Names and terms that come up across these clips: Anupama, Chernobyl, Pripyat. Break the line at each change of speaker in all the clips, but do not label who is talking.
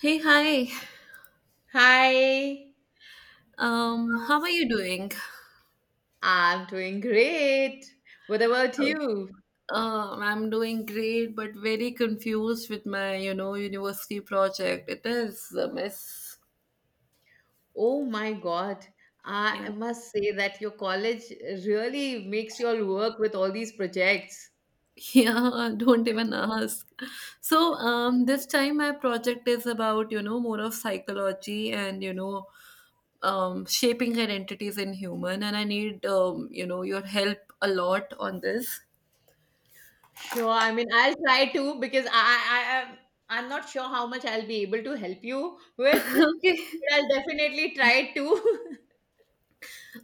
Hey, hi.
Hi,
How are you doing?
I'm doing great. What about you?
I'm doing great, but very confused with my, you know, university project. It is a mess.
Oh my God,
Yeah.
I must say that your college really makes you all work with all these projects.
Yeah, don't even ask. So, this time my project is about, you know, more of psychology and, you know, shaping identities in human, and I need, you know, your help a lot on this.
Sure, I mean, I'll try to because I I'm not sure how much I'll be able to help you with,
Okay.
but I'll definitely try to.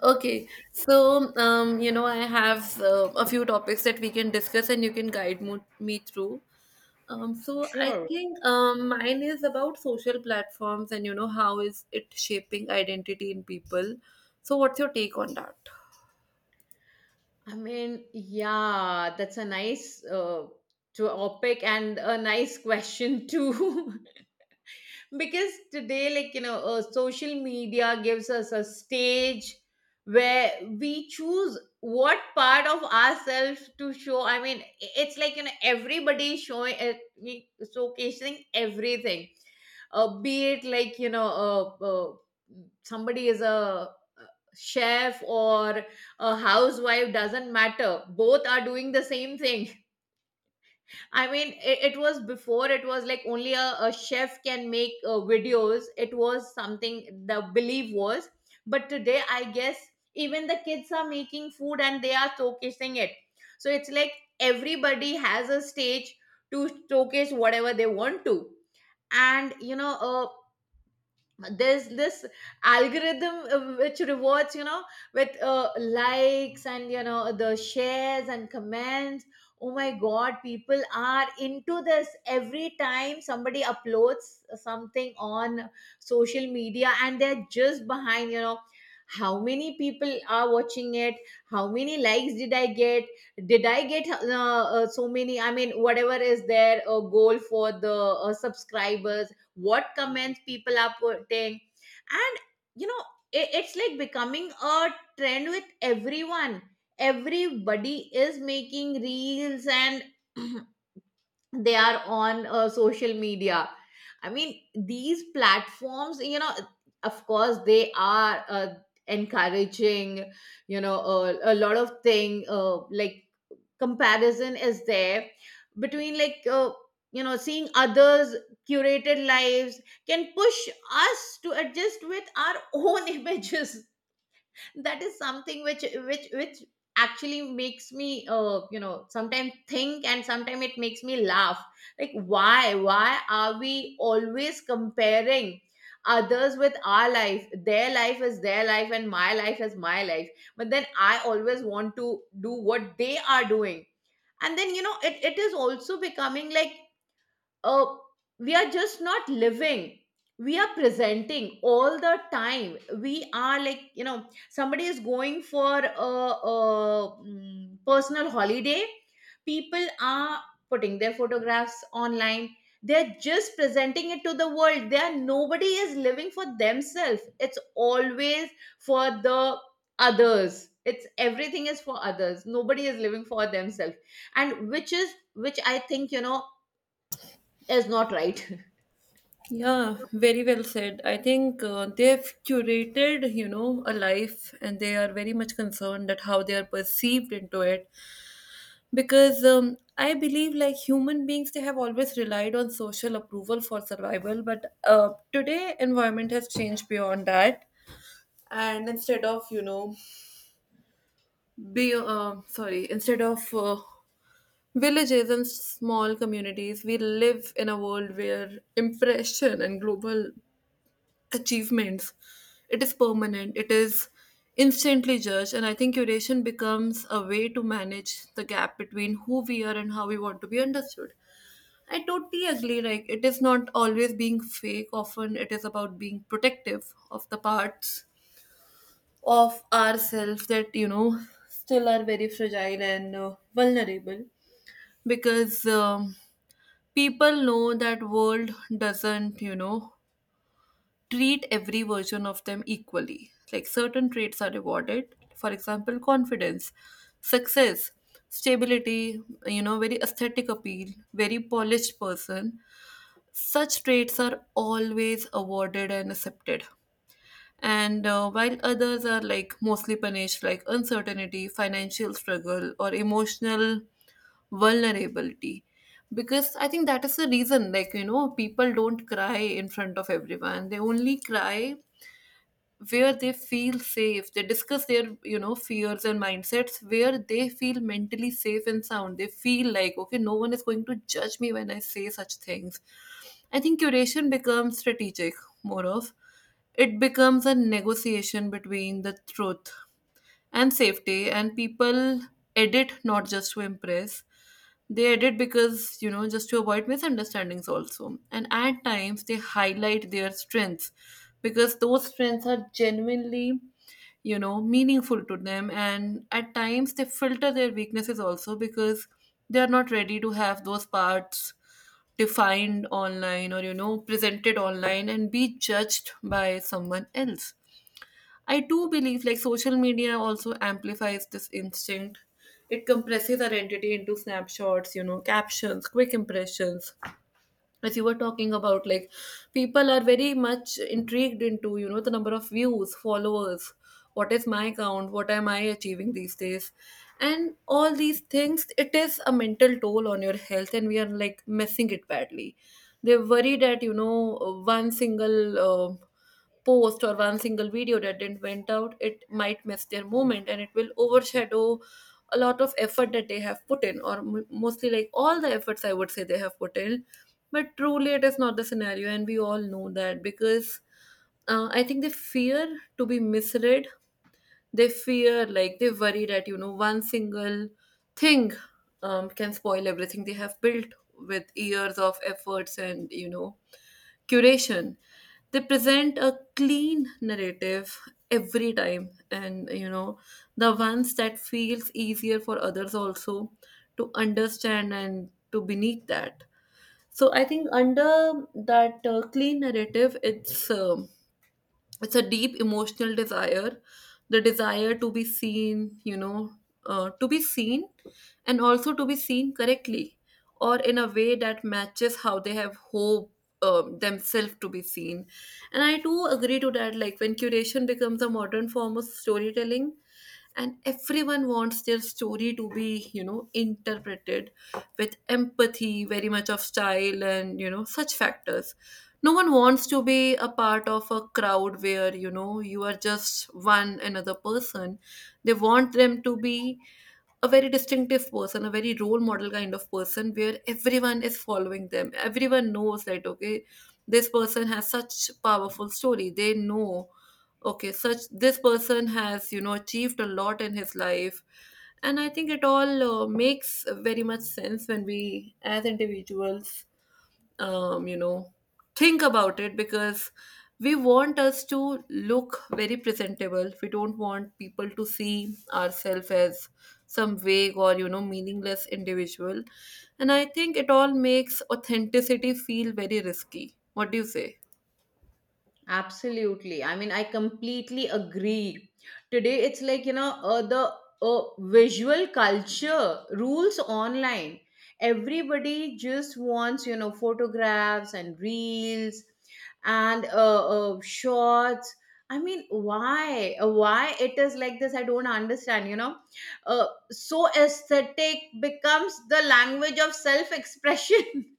Okay, so you know, I have a few topics that we can discuss, and you can guide me through. So I
Sure.
think mine is about social platforms, and you know, how is it shaping identity in people? So, what's your take on that?
I mean, yeah, that's a nice topic and a nice question too. Because today, like, you know, social media gives us a stage where we choose what part of ourselves to show. I mean, it's like, you know, everybody showing we- showcasing everything, be it like, you know, somebody is a chef or a housewife, doesn't matter, both are doing the same thing. I mean, it was before, it was like only a chef can make videos. It was something the belief was. But today, I guess even the kids are making food and they are showcasing it. So it's like everybody has a stage to showcase whatever they want to. And, you know, there's this algorithm, which rewards, you know, with likes and, you know, the shares and comments. Oh my God, people are into this. Every time somebody uploads something on social media, and they're just behind, you know, how many people are watching it, how many likes did I get, did I get so many, I mean, whatever is their goal for the subscribers, what comments people are putting, and, you know, it's like becoming a trend with everyone. Everybody is making reels and they are on social media. I mean, these platforms, you know, of course they are encouraging, you know, a lot of thing, like comparison is there between like, you know, seeing others' curated lives can push us to adjust with our own images. That is something which actually makes me, uh, you know, sometimes think, and sometimes it makes me laugh, like, why are we always comparing others with our life? Their life is their life and my life is my life, but then I always want to do what they are doing. And then, you know, it is also becoming like, uh, we are just not living, we are presenting all the time. We are like, you know, somebody is going for a personal holiday, people are putting their photographs online, they're just presenting it to the world. They are, nobody is living for themselves, it's always for the others. It's everything is for others, nobody is living for themselves. And which is, which I think, you know, is not right.
Yeah, very well said. I think they've curated, you know, a life and they are very much concerned at how they are perceived into it. Because I believe like human beings, they have always relied on social approval for survival, but today environment has changed beyond that. And instead of, you know, be sorry instead of villages and small communities, we live in a world where impression and global achievements, it is permanent, it is instantly judged. And I think curation becomes a way to manage the gap between who we are and how we want to be understood. I totally agree. Like, it is not always being fake. Often, it is about being protective of the parts of ourselves that, you know, still are very fragile and vulnerable. Because people know that world doesn't, you know, treat every version of them equally. Like, certain traits are rewarded. For example, confidence, success, stability, you know, very aesthetic appeal, very polished person. Such traits are always awarded and accepted. And while others are like mostly punished, like uncertainty, financial struggle, or emotional vulnerability. Because I think that is the reason, like, you know, people don't cry in front of everyone. They only cry where they feel safe. They discuss their, you know, fears and mindsets where they feel mentally safe and sound. They feel like, okay, no one is going to judge me when I say such things. I think curation becomes strategic, more of, it becomes a negotiation between the truth and safety. And people edit not just to impress, they edit because, you know, just to avoid misunderstandings also. And at times they highlight their strengths because those strengths are genuinely, you know, meaningful to them. And at times they filter their weaknesses also because they are not ready to have those parts defined online or, you know, presented online and be judged by someone else. I do believe like social media also amplifies this instinct. It compresses identity into snapshots, you know, captions, quick impressions. As you were talking about, like, people are very much intrigued into, you know, the number of views, followers, what is my count, what am I achieving these days. And all these things, it is a mental toll on your health, and we are like messing it badly. They're worried that, you know, one single post or one single video that didn't went out, it might miss their moment and it will overshadow a lot of effort that they have put in, or mostly like all the efforts I would say they have put in. But truly it is not the scenario, and we all know that. Because I think they fear to be misread. They fear, like, they worry that, you know, one single thing can spoil everything they have built with years of efforts and, you know, curation. They present a clean narrative every time, and you know, the ones that feels easier for others also to understand and to beneath that. So I think under that clean narrative, it's a deep emotional desire, the desire to be seen, you know, to be seen, and also to be seen correctly, or in a way that matches how they have hope themselves to be seen. And I do agree to that, like, when curation becomes a modern form of storytelling, and everyone wants their story to be, you know, interpreted with empathy, very much of style, and you know, such factors. No one wants to be a part of a crowd where, you know, you are just one another person. They want them to be a very distinctive person, a very role model kind of person, where everyone is following them, everyone knows that, okay, this person has such powerful story. They know, okay, such this person has, you know, achieved a lot in his life. And I think it all makes very much sense when we as individuals, you know, think about it, because we want us to look very presentable. We don't want people to see ourselves as some vague or, you know, meaningless individual. And I think it all makes authenticity feel very risky. What do you say?
Absolutely, I mean, I completely agree. Today it's like, you know, the visual culture rules online. Everybody just wants, you know, photographs and reels and shorts. I mean, why? Why it is like this, I don't understand, you know. So aesthetic becomes the language of self expression.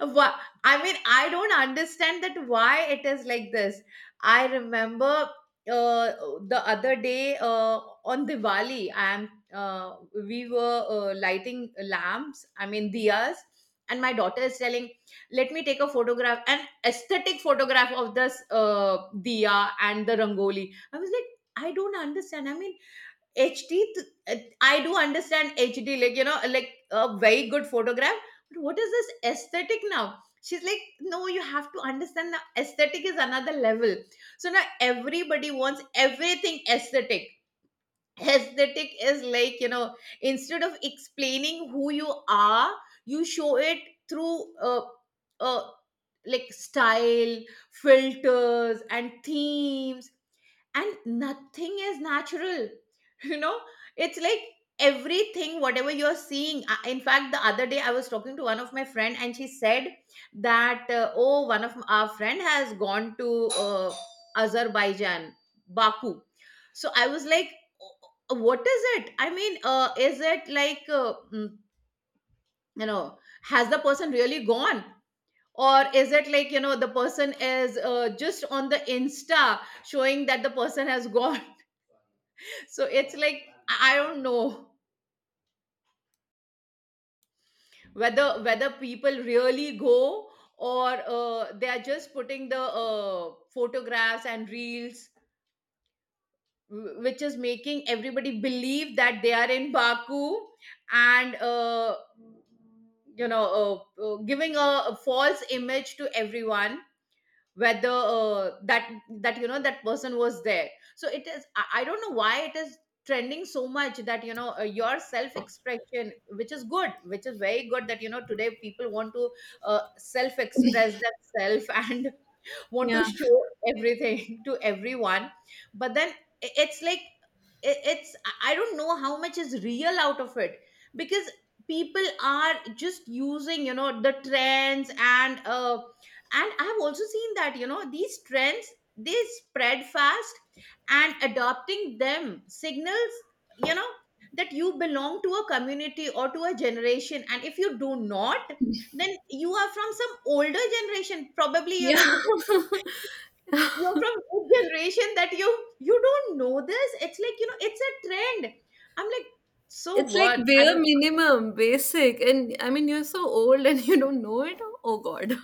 Wha- I mean, I don't understand that why it is like this. I remember, uh, the other day, on Diwali, I am we were lighting lamps. I mean, diyas. And my daughter is telling, "Let me take a photograph, an aesthetic photograph of this diya and the rangoli." I was like, "I don't understand. I mean, HD, th- uh, I do understand HD, like, you know, like a very good photograph. But what is this aesthetic now?" She's like, "No, you have to understand the aesthetic is another level." So now everybody wants everything aesthetic. Aesthetic is like, you know, instead of explaining who you are, you show it through uh, like style, filters, and themes, and nothing is natural. You know, it's like everything whatever you're seeing. In fact, the other day I was talking to one of my friend and she said that, oh, one of our friend has gone to, uh, Azerbaijan, Baku. So I was like, "Oh, what is it? I mean, is it like, you know, has the person really gone, or is it like, you know, the person is just on the Insta showing that the person has gone?" So it's like, I don't know whether people really go, or they are just putting the photographs and reels, which is making everybody believe that they are in Baku and, you know, giving a false image to everyone, whether, that, you know, that person was there. So it is, I don't know why it is trending so much that, you know, your self expression, which is good, which is very good, that, you know, today people want to uh, self express themselves and want
Yeah.
to show everything to everyone. But then it's like, I- it's I don't know how much is real out of it, because people are just using, you know, the trends, and I've also seen that, you know, these trends, they spread fast, and adopting them signals, you know, that you belong to a community or to a generation, and if you do not, then you are from some older generation, probably, you know.
Yeah.
You're from a generation that you don't know this. It's like, you know, it's a trend. I'm like, so
It's like
what? I
bare
mean,
minimum, basic. And I mean, you're so old and you don't know it. Oh, God.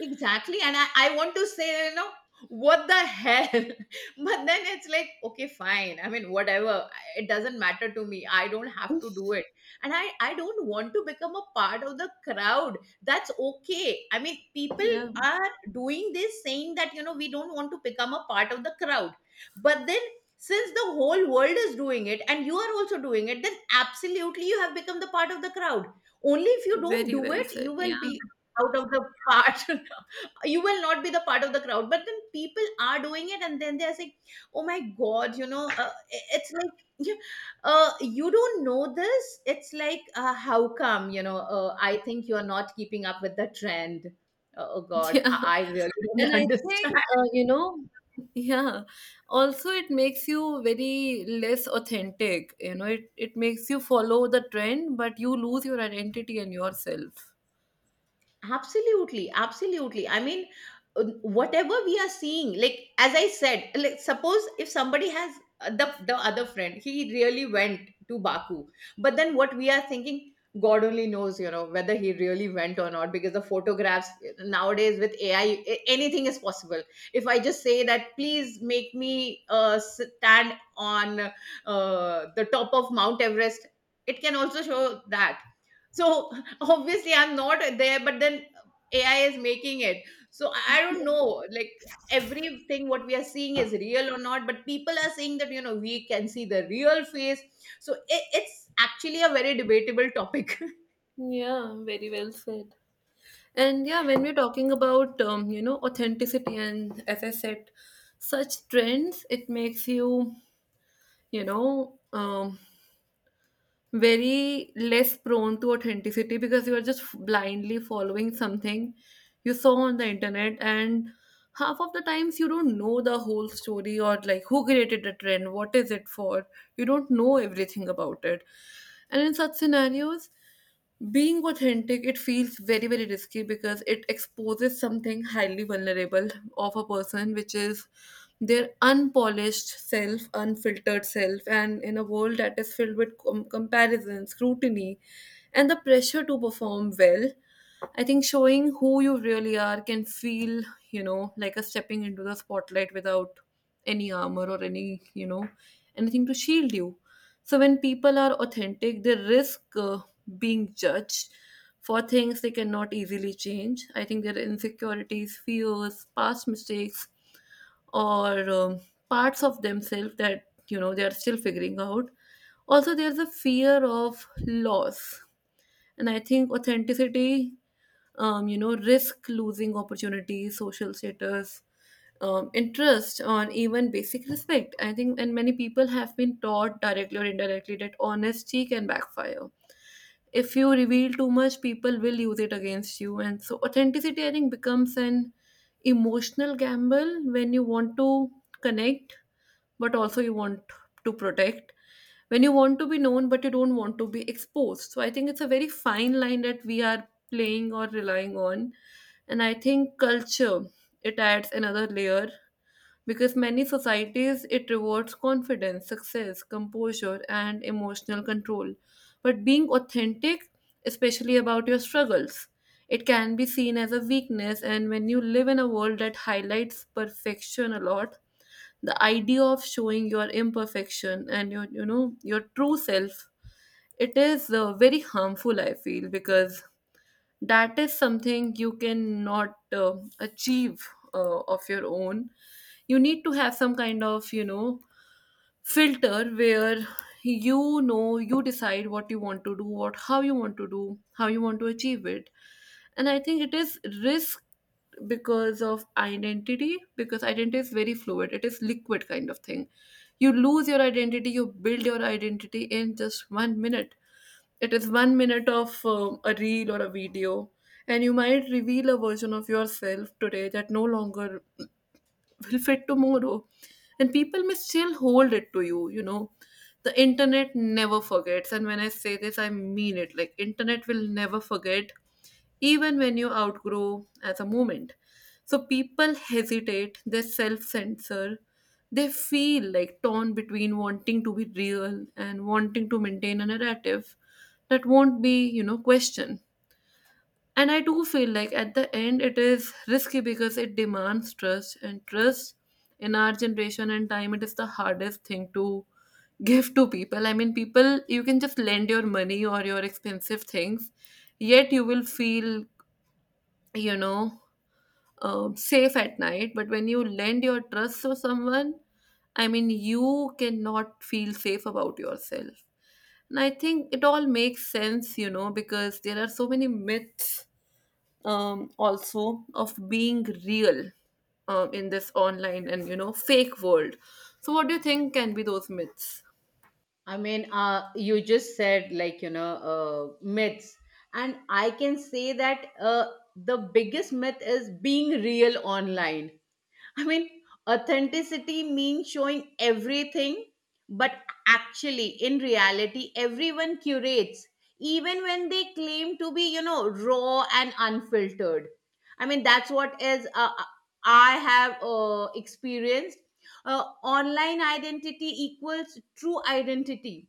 exactly. And I want to say, you know, what the hell? But then it's like, okay, fine. I mean, whatever. It doesn't matter to me. I don't have to do it. And I don't want to become a part of the crowd. That's okay. I mean, people
Yeah.
are doing this, saying that, you know, we don't want to become a part of the crowd. But then, since the whole world is doing it and you are also doing it, then absolutely you have become the part of the crowd. Only if you don't
Very
do
well
it,
said.
you
Yeah.
will be out of the part. You will not be the part of the crowd, but then people are doing it, and then they are saying, oh my God, you know, it's like you, you don't know this, it's like, how come, you know, I think you are not keeping up with the trend. Oh, oh God,
Yeah.
I really
And
don't
I
understand.
think, you know, yeah, also it makes you very less authentic. You know, it makes you follow the trend, but you lose your identity and yourself.
Absolutely, absolutely. I mean, whatever we are seeing, like as I said, like suppose if somebody has, the other friend, he really went to Baku, but then what we are thinking, God only knows, you know, whether he really went or not, because the photographs nowadays with AI, anything is possible. If I just say that, please make me stand on the top of Mount Everest, it can also show that. So obviously I'm not there, but then AI is making it. So I don't know, like, everything what we are seeing is real or not, but people are saying that, you know, we can see the real face. So it's actually a very debatable topic.
Yeah, very well said. And yeah, when we're talking about, you know, authenticity and as I said, such trends, it makes you, you know, very less prone to authenticity because you are just blindly following something you saw on the internet. And half of the times you don't know the whole story, or like who created the trend, what is it for. You don't know everything about it. And in such scenarios, being authentic, it feels very, very risky because it exposes something highly vulnerable of a person, which is their unpolished self, unfiltered self. And in a world that is filled with comparison, scrutiny, and the pressure to perform well, I think showing who you really are can feel, you know, like a stepping into the spotlight without any armor or any, you know, anything to shield you. So when people are authentic, they risk being judged for things they cannot easily change. I think their insecurities, fears, past mistakes, or parts of themselves that, you know, they are still figuring out. Also, there's a fear of loss. And I think authenticity, you know, risk losing opportunities, social status, interest, or even basic respect. I think, and many people have been taught directly or indirectly that honesty can backfire. If you reveal too much, people will use it against you. And so, authenticity, I think, becomes an emotional gamble. When you want to connect but also you want to protect, when you want to be known but you don't want to be exposed, so I think it's a very fine line that we are playing or relying on. And I think culture, it adds another layer, because many societies, it rewards confidence, success, composure, and emotional control. But being authentic, especially about your struggles, it can be seen as a weakness. And when you live in a world that highlights perfection a lot, the idea of showing your imperfection and your, you know, your true self, it is very harmful, I feel, because that is something you cannot achieve of your own. You need to have some kind of, you know, filter where, you know, you decide what you want to do, what, how you want to do, how you want to achieve it. And I think it is risk because of identity, because identity is very fluid, it is liquid kind of thing. You lose your identity, you build your identity in just 1 minute. It is 1 minute of a reel or a video, and you might reveal a version of yourself today that no longer will fit tomorrow, and people may still hold it to you, you know. The internet never forgets, and when I say this, I mean it, like internet will never forget even when you outgrow as a moment. So people hesitate, they self-censor, they feel like torn between wanting to be real and wanting to maintain a narrative that won't be, you know, questioned. And I do feel like at the end it is risky because it demands trust, and trust in our generation and time, it is the hardest thing to give to people. I mean, people, you can just lend your money or your expensive things, yet you will feel, you know, safe at night. But when you lend your trust to someone, I mean, you cannot feel safe about yourself. And I think it all makes sense, you know, because there are so many myths also of being real in this online and you know fake world. So what do you think can be those myths?
I mean, you just said, like, you know, myths. And I can say that, the biggest myth is being real online. I mean, authenticity means showing everything, but actually, in reality, everyone curates, even when they claim to be, you know, raw and unfiltered. I mean, that's what is, I have experienced. Online identity equals true identity.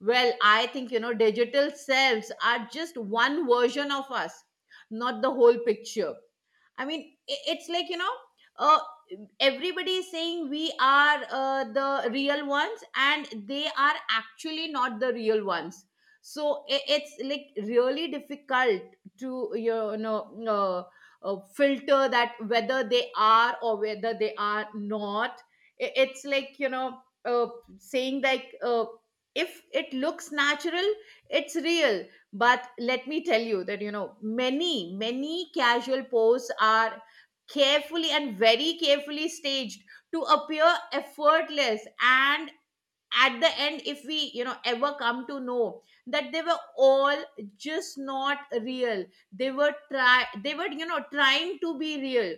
Well, I think, you know, digital selves are just one version of us, not the whole picture. I mean, it's like, you know, uh, everybody is saying we are the real ones, and they are actually not the real ones. So it's like really difficult to, you know, filter that whether they are or whether they are not. It's like, saying like, if it looks natural, it's real. But let me tell you that many casual posts are carefully and very carefully staged to appear effortless. And at the end, if we ever come to know that they were all just not real, they were trying to be real.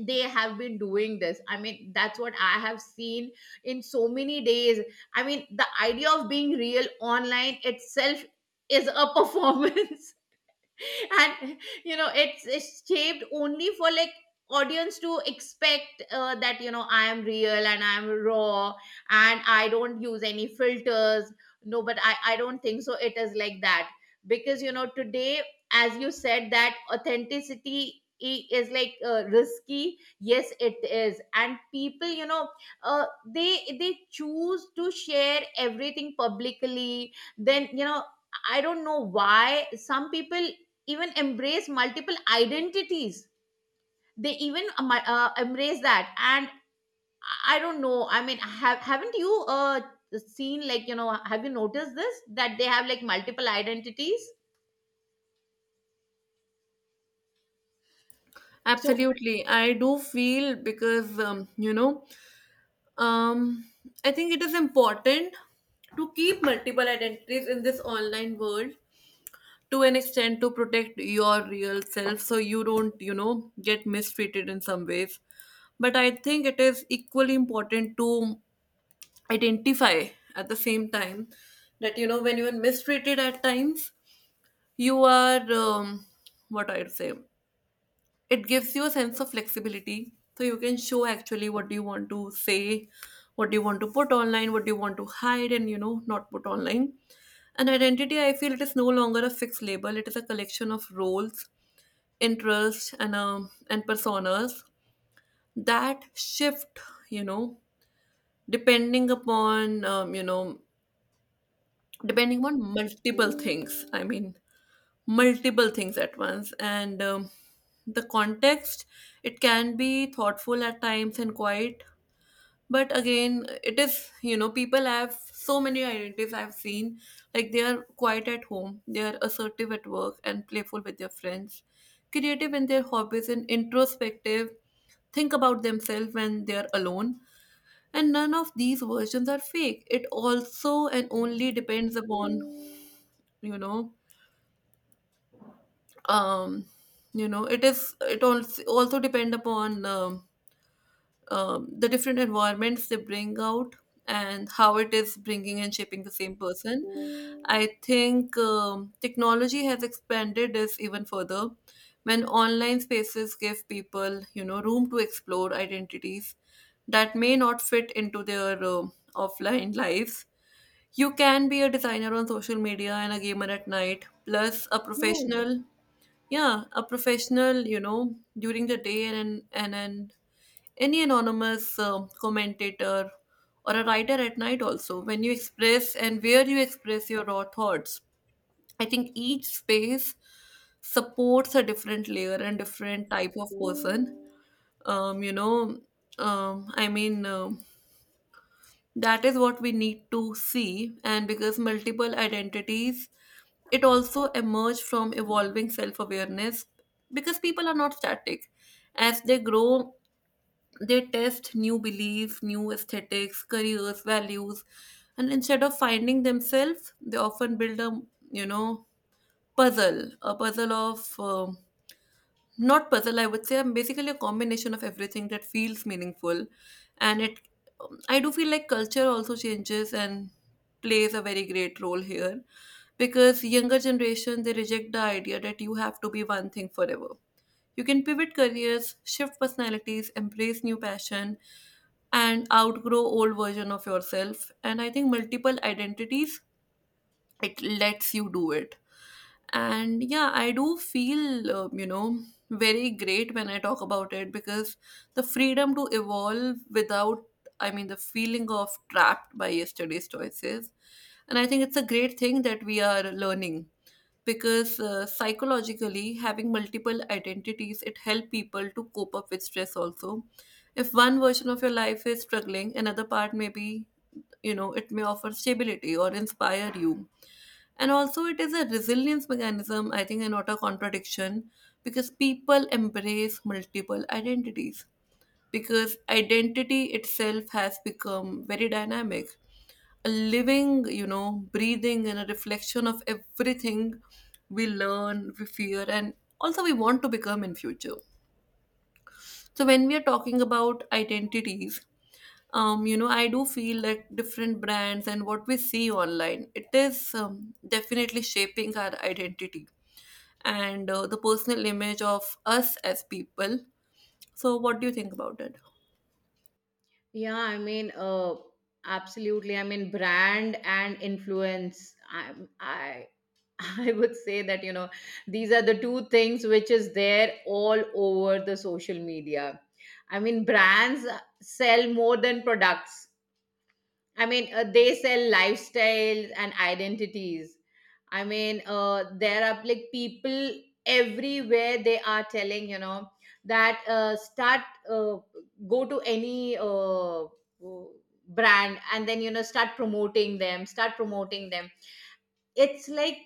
They have been doing this, I mean that's what I have seen in so many days. I mean, the idea of being real online itself is a performance. And you know, it's shaped only for like audience to expect that you know, I am real and I am raw and I don't use any filters. No, but I don't think so it is like that, because you know today, as you said, that authenticity is like risky. Yes, it is. And people, you know, uh, they choose to share everything publicly. Then you know, I don't know why some people even embrace multiple identities. They even embrace that. And I don't know, I mean, haven't you seen, like, you know, have you noticed this, that they have like multiple identities? So
Absolutely, I do feel because you know, um, I think it is important to keep multiple identities in this online world to an extent to protect your real self, so you don't, you know, get mistreated in some ways. But I think it is equally important to identify at the same time that, you know, when you are mistreated at times, you are what I'd say, it gives you a sense of flexibility so you can show actually what do you want to say, what do you want to put online, what do you want to hide and, you know, not put online. An identity, I feel, it is no longer a fixed label. It is a collection of roles, interests and personas that shift, you know, depending upon, you know, depending on multiple things. I mean, multiple things at once, and the context. It can be thoughtful at times and quiet. But again, it is, you know, people have so many identities, I've seen. Like, they are quiet at home, they are assertive at work and playful with their friends, creative in their hobbies and introspective, think about themselves when they are alone. And none of these versions are fake. It also and only depends upon, you know, um you know, it is, it also depend upon, the different environments they bring out and how it is bringing and shaping the same person. I think technology has expanded this even further, when online spaces give people, you know, room to explore identities that may not fit into their offline lives. You can be a designer on social media and a gamer at night, plus a
True.
professional. Yeah, a professional, you know, during the day, and and any anonymous commentator or a writer at night also, when you express and where you express your raw thoughts. I think each space supports a different layer and different type of person. Um, you know, um, I mean. um that is what we need to see. And because multiple identities, it also emerge from evolving self-awareness, because people are not static. As they grow, they test new beliefs, new aesthetics, careers, values. And instead of finding themselves, they often build a, you know, puzzle of not puzzle, I would say, I'm basically a combination of everything that feels meaningful. And it, I do feel like culture also changes and plays a very great role here, because younger generation, they reject the idea that you have to be one thing forever. You can pivot careers, shift personalities, embrace new passion and outgrow old version of yourself. And I think multiple identities, it lets you do it. And yeah, I do feel you know, very great when I talk about it, because the freedom to evolve without, I mean, the feeling of trapped by yesterday's choices. And I think it's a great thing that we are learning. Because psychologically, having multiple identities, it help people to cope up with stress also. If one version of your life is struggling, another part may be, you know, it may offer stability or inspire you. And also, it is a resilience mechanism, I think, and not a contradiction, because people embrace multiple identities because identity itself has become very dynamic. A living, you know, breathing, and a reflection of everything we learn, we fear, and also we want to become in future. So when we are talking about identities, you know, I do feel like different brands and what we see online, it is definitely shaping our identity and the personal image of us as people. So what do you think about it?
Yeah, I mean, absolutely. I mean, brand and influence, I I would say that you know, these are the two things which is there all over the social media. I mean, brands sell more than products. I mean, they sell lifestyles and identities. I mean, there are like people everywhere. They are telling, you know, that start uh, go to any brand and then you know, start promoting them, start promoting them. It's like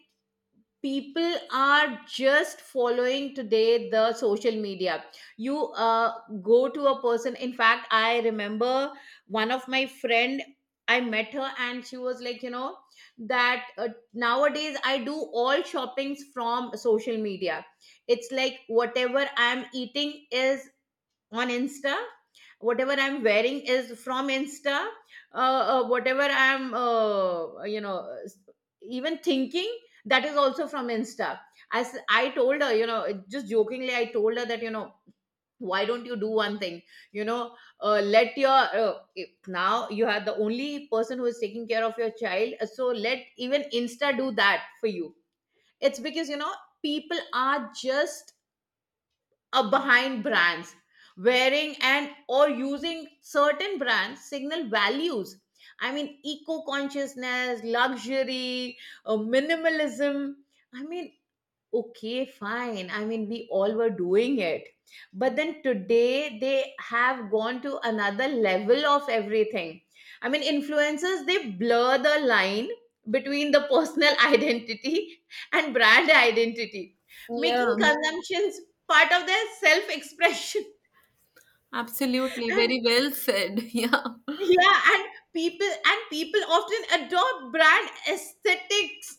people are just following today the social media. You go to a person. In fact, I remember one of my friend, I met her and she was like, you know, that nowadays I do all shoppings from social media. It's like whatever I'm eating is on insta, whatever I'm wearing is from insta, whatever I'm s- even thinking, that is also from insta. As I told her, you know, just jokingly I told her that you know, why don't you do one thing, you know, let your if now you are the only person who is taking care of your child, so let even insta do that for you. It's because you know, people are just behind brands. Wearing and or using certain brands signal values, I mean, eco consciousness, luxury, minimalism. I mean, okay, fine. I mean, we all were doing it. But then today they have gone to another level of everything. I mean, influencers, they blur the line between the personal identity and brand identity, making
Yeah.
consumptions part of their self expression.
Absolutely, very well said. Yeah.
Yeah. And people people often adopt brand aesthetics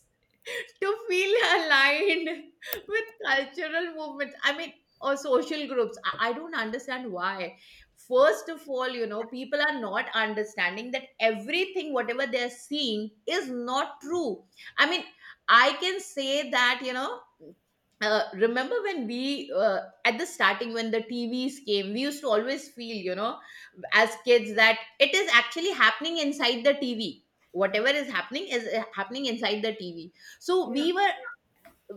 to feel aligned with cultural movements, I mean, or social groups. I don't understand why. First of all, you know, people are not understanding that everything whatever they're seeing is not true. I mean, I can say that you know, remember when we at the starting, when the TVs came, we used to always feel, you know, as kids, that it is actually happening inside the TV, whatever is happening inside the TV. So we were,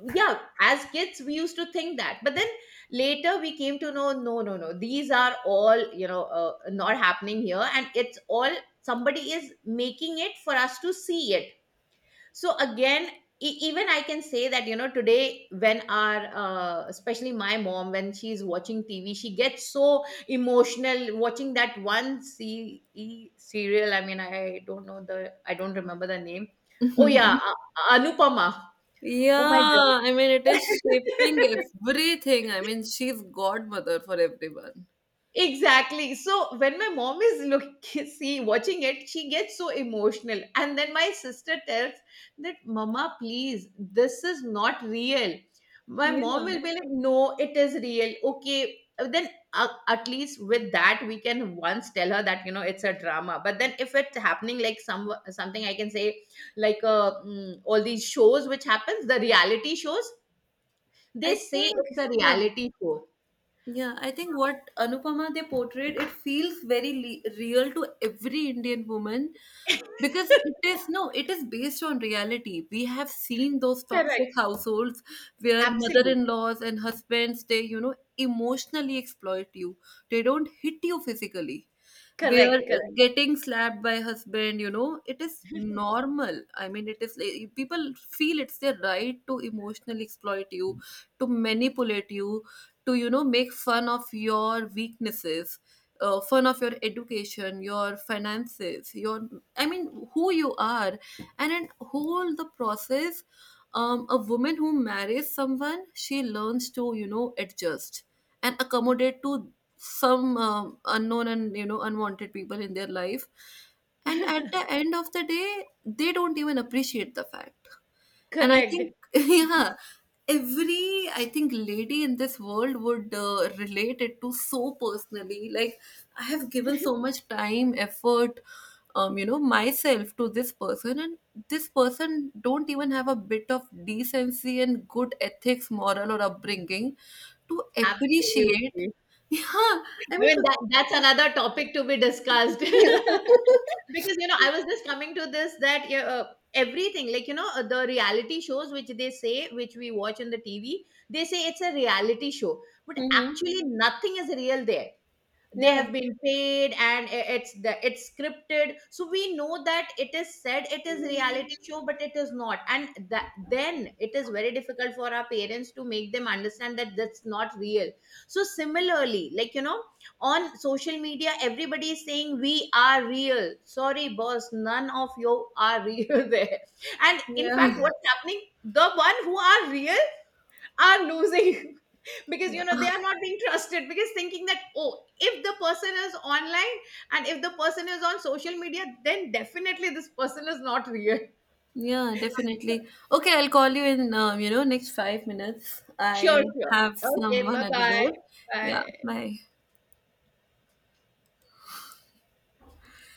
yeah, as kids we used to think that. But then later we came to know, no no no, these are all you know, not happening here, and it's all somebody is making it for us to see it. So again, even I can say that you know, today when our especially my mom, when she's watching TV, she gets so emotional watching that one C- e serial. I mean, I don't know the, I don't remember the name. Oh yeah, anupama. Oh my god.
Yeah, I mean, it is shaping everything. I mean, she's godmother for everyone.
Exactly. So when my mom is look see watching it, she gets so emotional. And then my sister tells that, Mama, please, this is not real. My mom
Yeah,
will be like, No, it is real. Okay. Then at least with that we can once tell her that you know it's a drama. But then if it's happening like some something, I can say like all these shows which happens, the reality shows, they
I
say
think,
it's a
yeah.
reality show.
Yeah, I think what Anupama they portrayed, it feels very le real to every Indian woman, because it is, no, it is based on reality. We have seen those toxic
Correct.
households where
Absolutely.
mother-in-laws and husbands they, you know, emotionally exploit you. They don't hit you physically, where
Correct, correct,
getting slapped by husband, you know, it is normal. I mean, it is like, people feel it's their right to emotionally exploit you, to manipulate you, to, you know, make fun of your weaknesses, fun of your education, your finances, your, I mean, who you are. And in whole the process, a woman who marries someone, she learns to, you know, adjust and accommodate to some unknown and, you know, unwanted people in their life. And at the end of the day, they don't even appreciate the fact. And I think
correct.
yeah, every, I think, lady in this world would relate it to so personally, like I have given so much time, effort, you know, myself to this person, and this person don't even have a bit of decency and good ethics, moral or upbringing to appreciate.
Absolutely.
Yeah,
I
I mean
mean,
to
that that's another topic to be discussed.
yeah.
Because you know, I was just coming to this that yeah, everything like you know, the reality shows which they say, which we watch on the TV, they say it's a reality show, but
Mhm.
actually nothing is real there. They
Yeah.
have been paid and it's the it's scripted. So we know that it is said it is reality show, but it is not. And that then it is very difficult for our parents to make them understand that that's not real. So similarly, like you know, on social media everybody is saying we are real. Sorry boss, none of you are real there. And in
Yeah.
fact what's happening, the one who are real are losing because
Yeah.
you know they are not being trusted, because thinking that oh, if the person is online and if the person is on social media, then definitely this person is not real.
Yeah, definitely. Okay, I'll call you in, you know, next 5 minutes.
Sure,
I
sure.
have
Okay,
someone
bye
at the
bye.
door. Yeah,
Bye.
bye.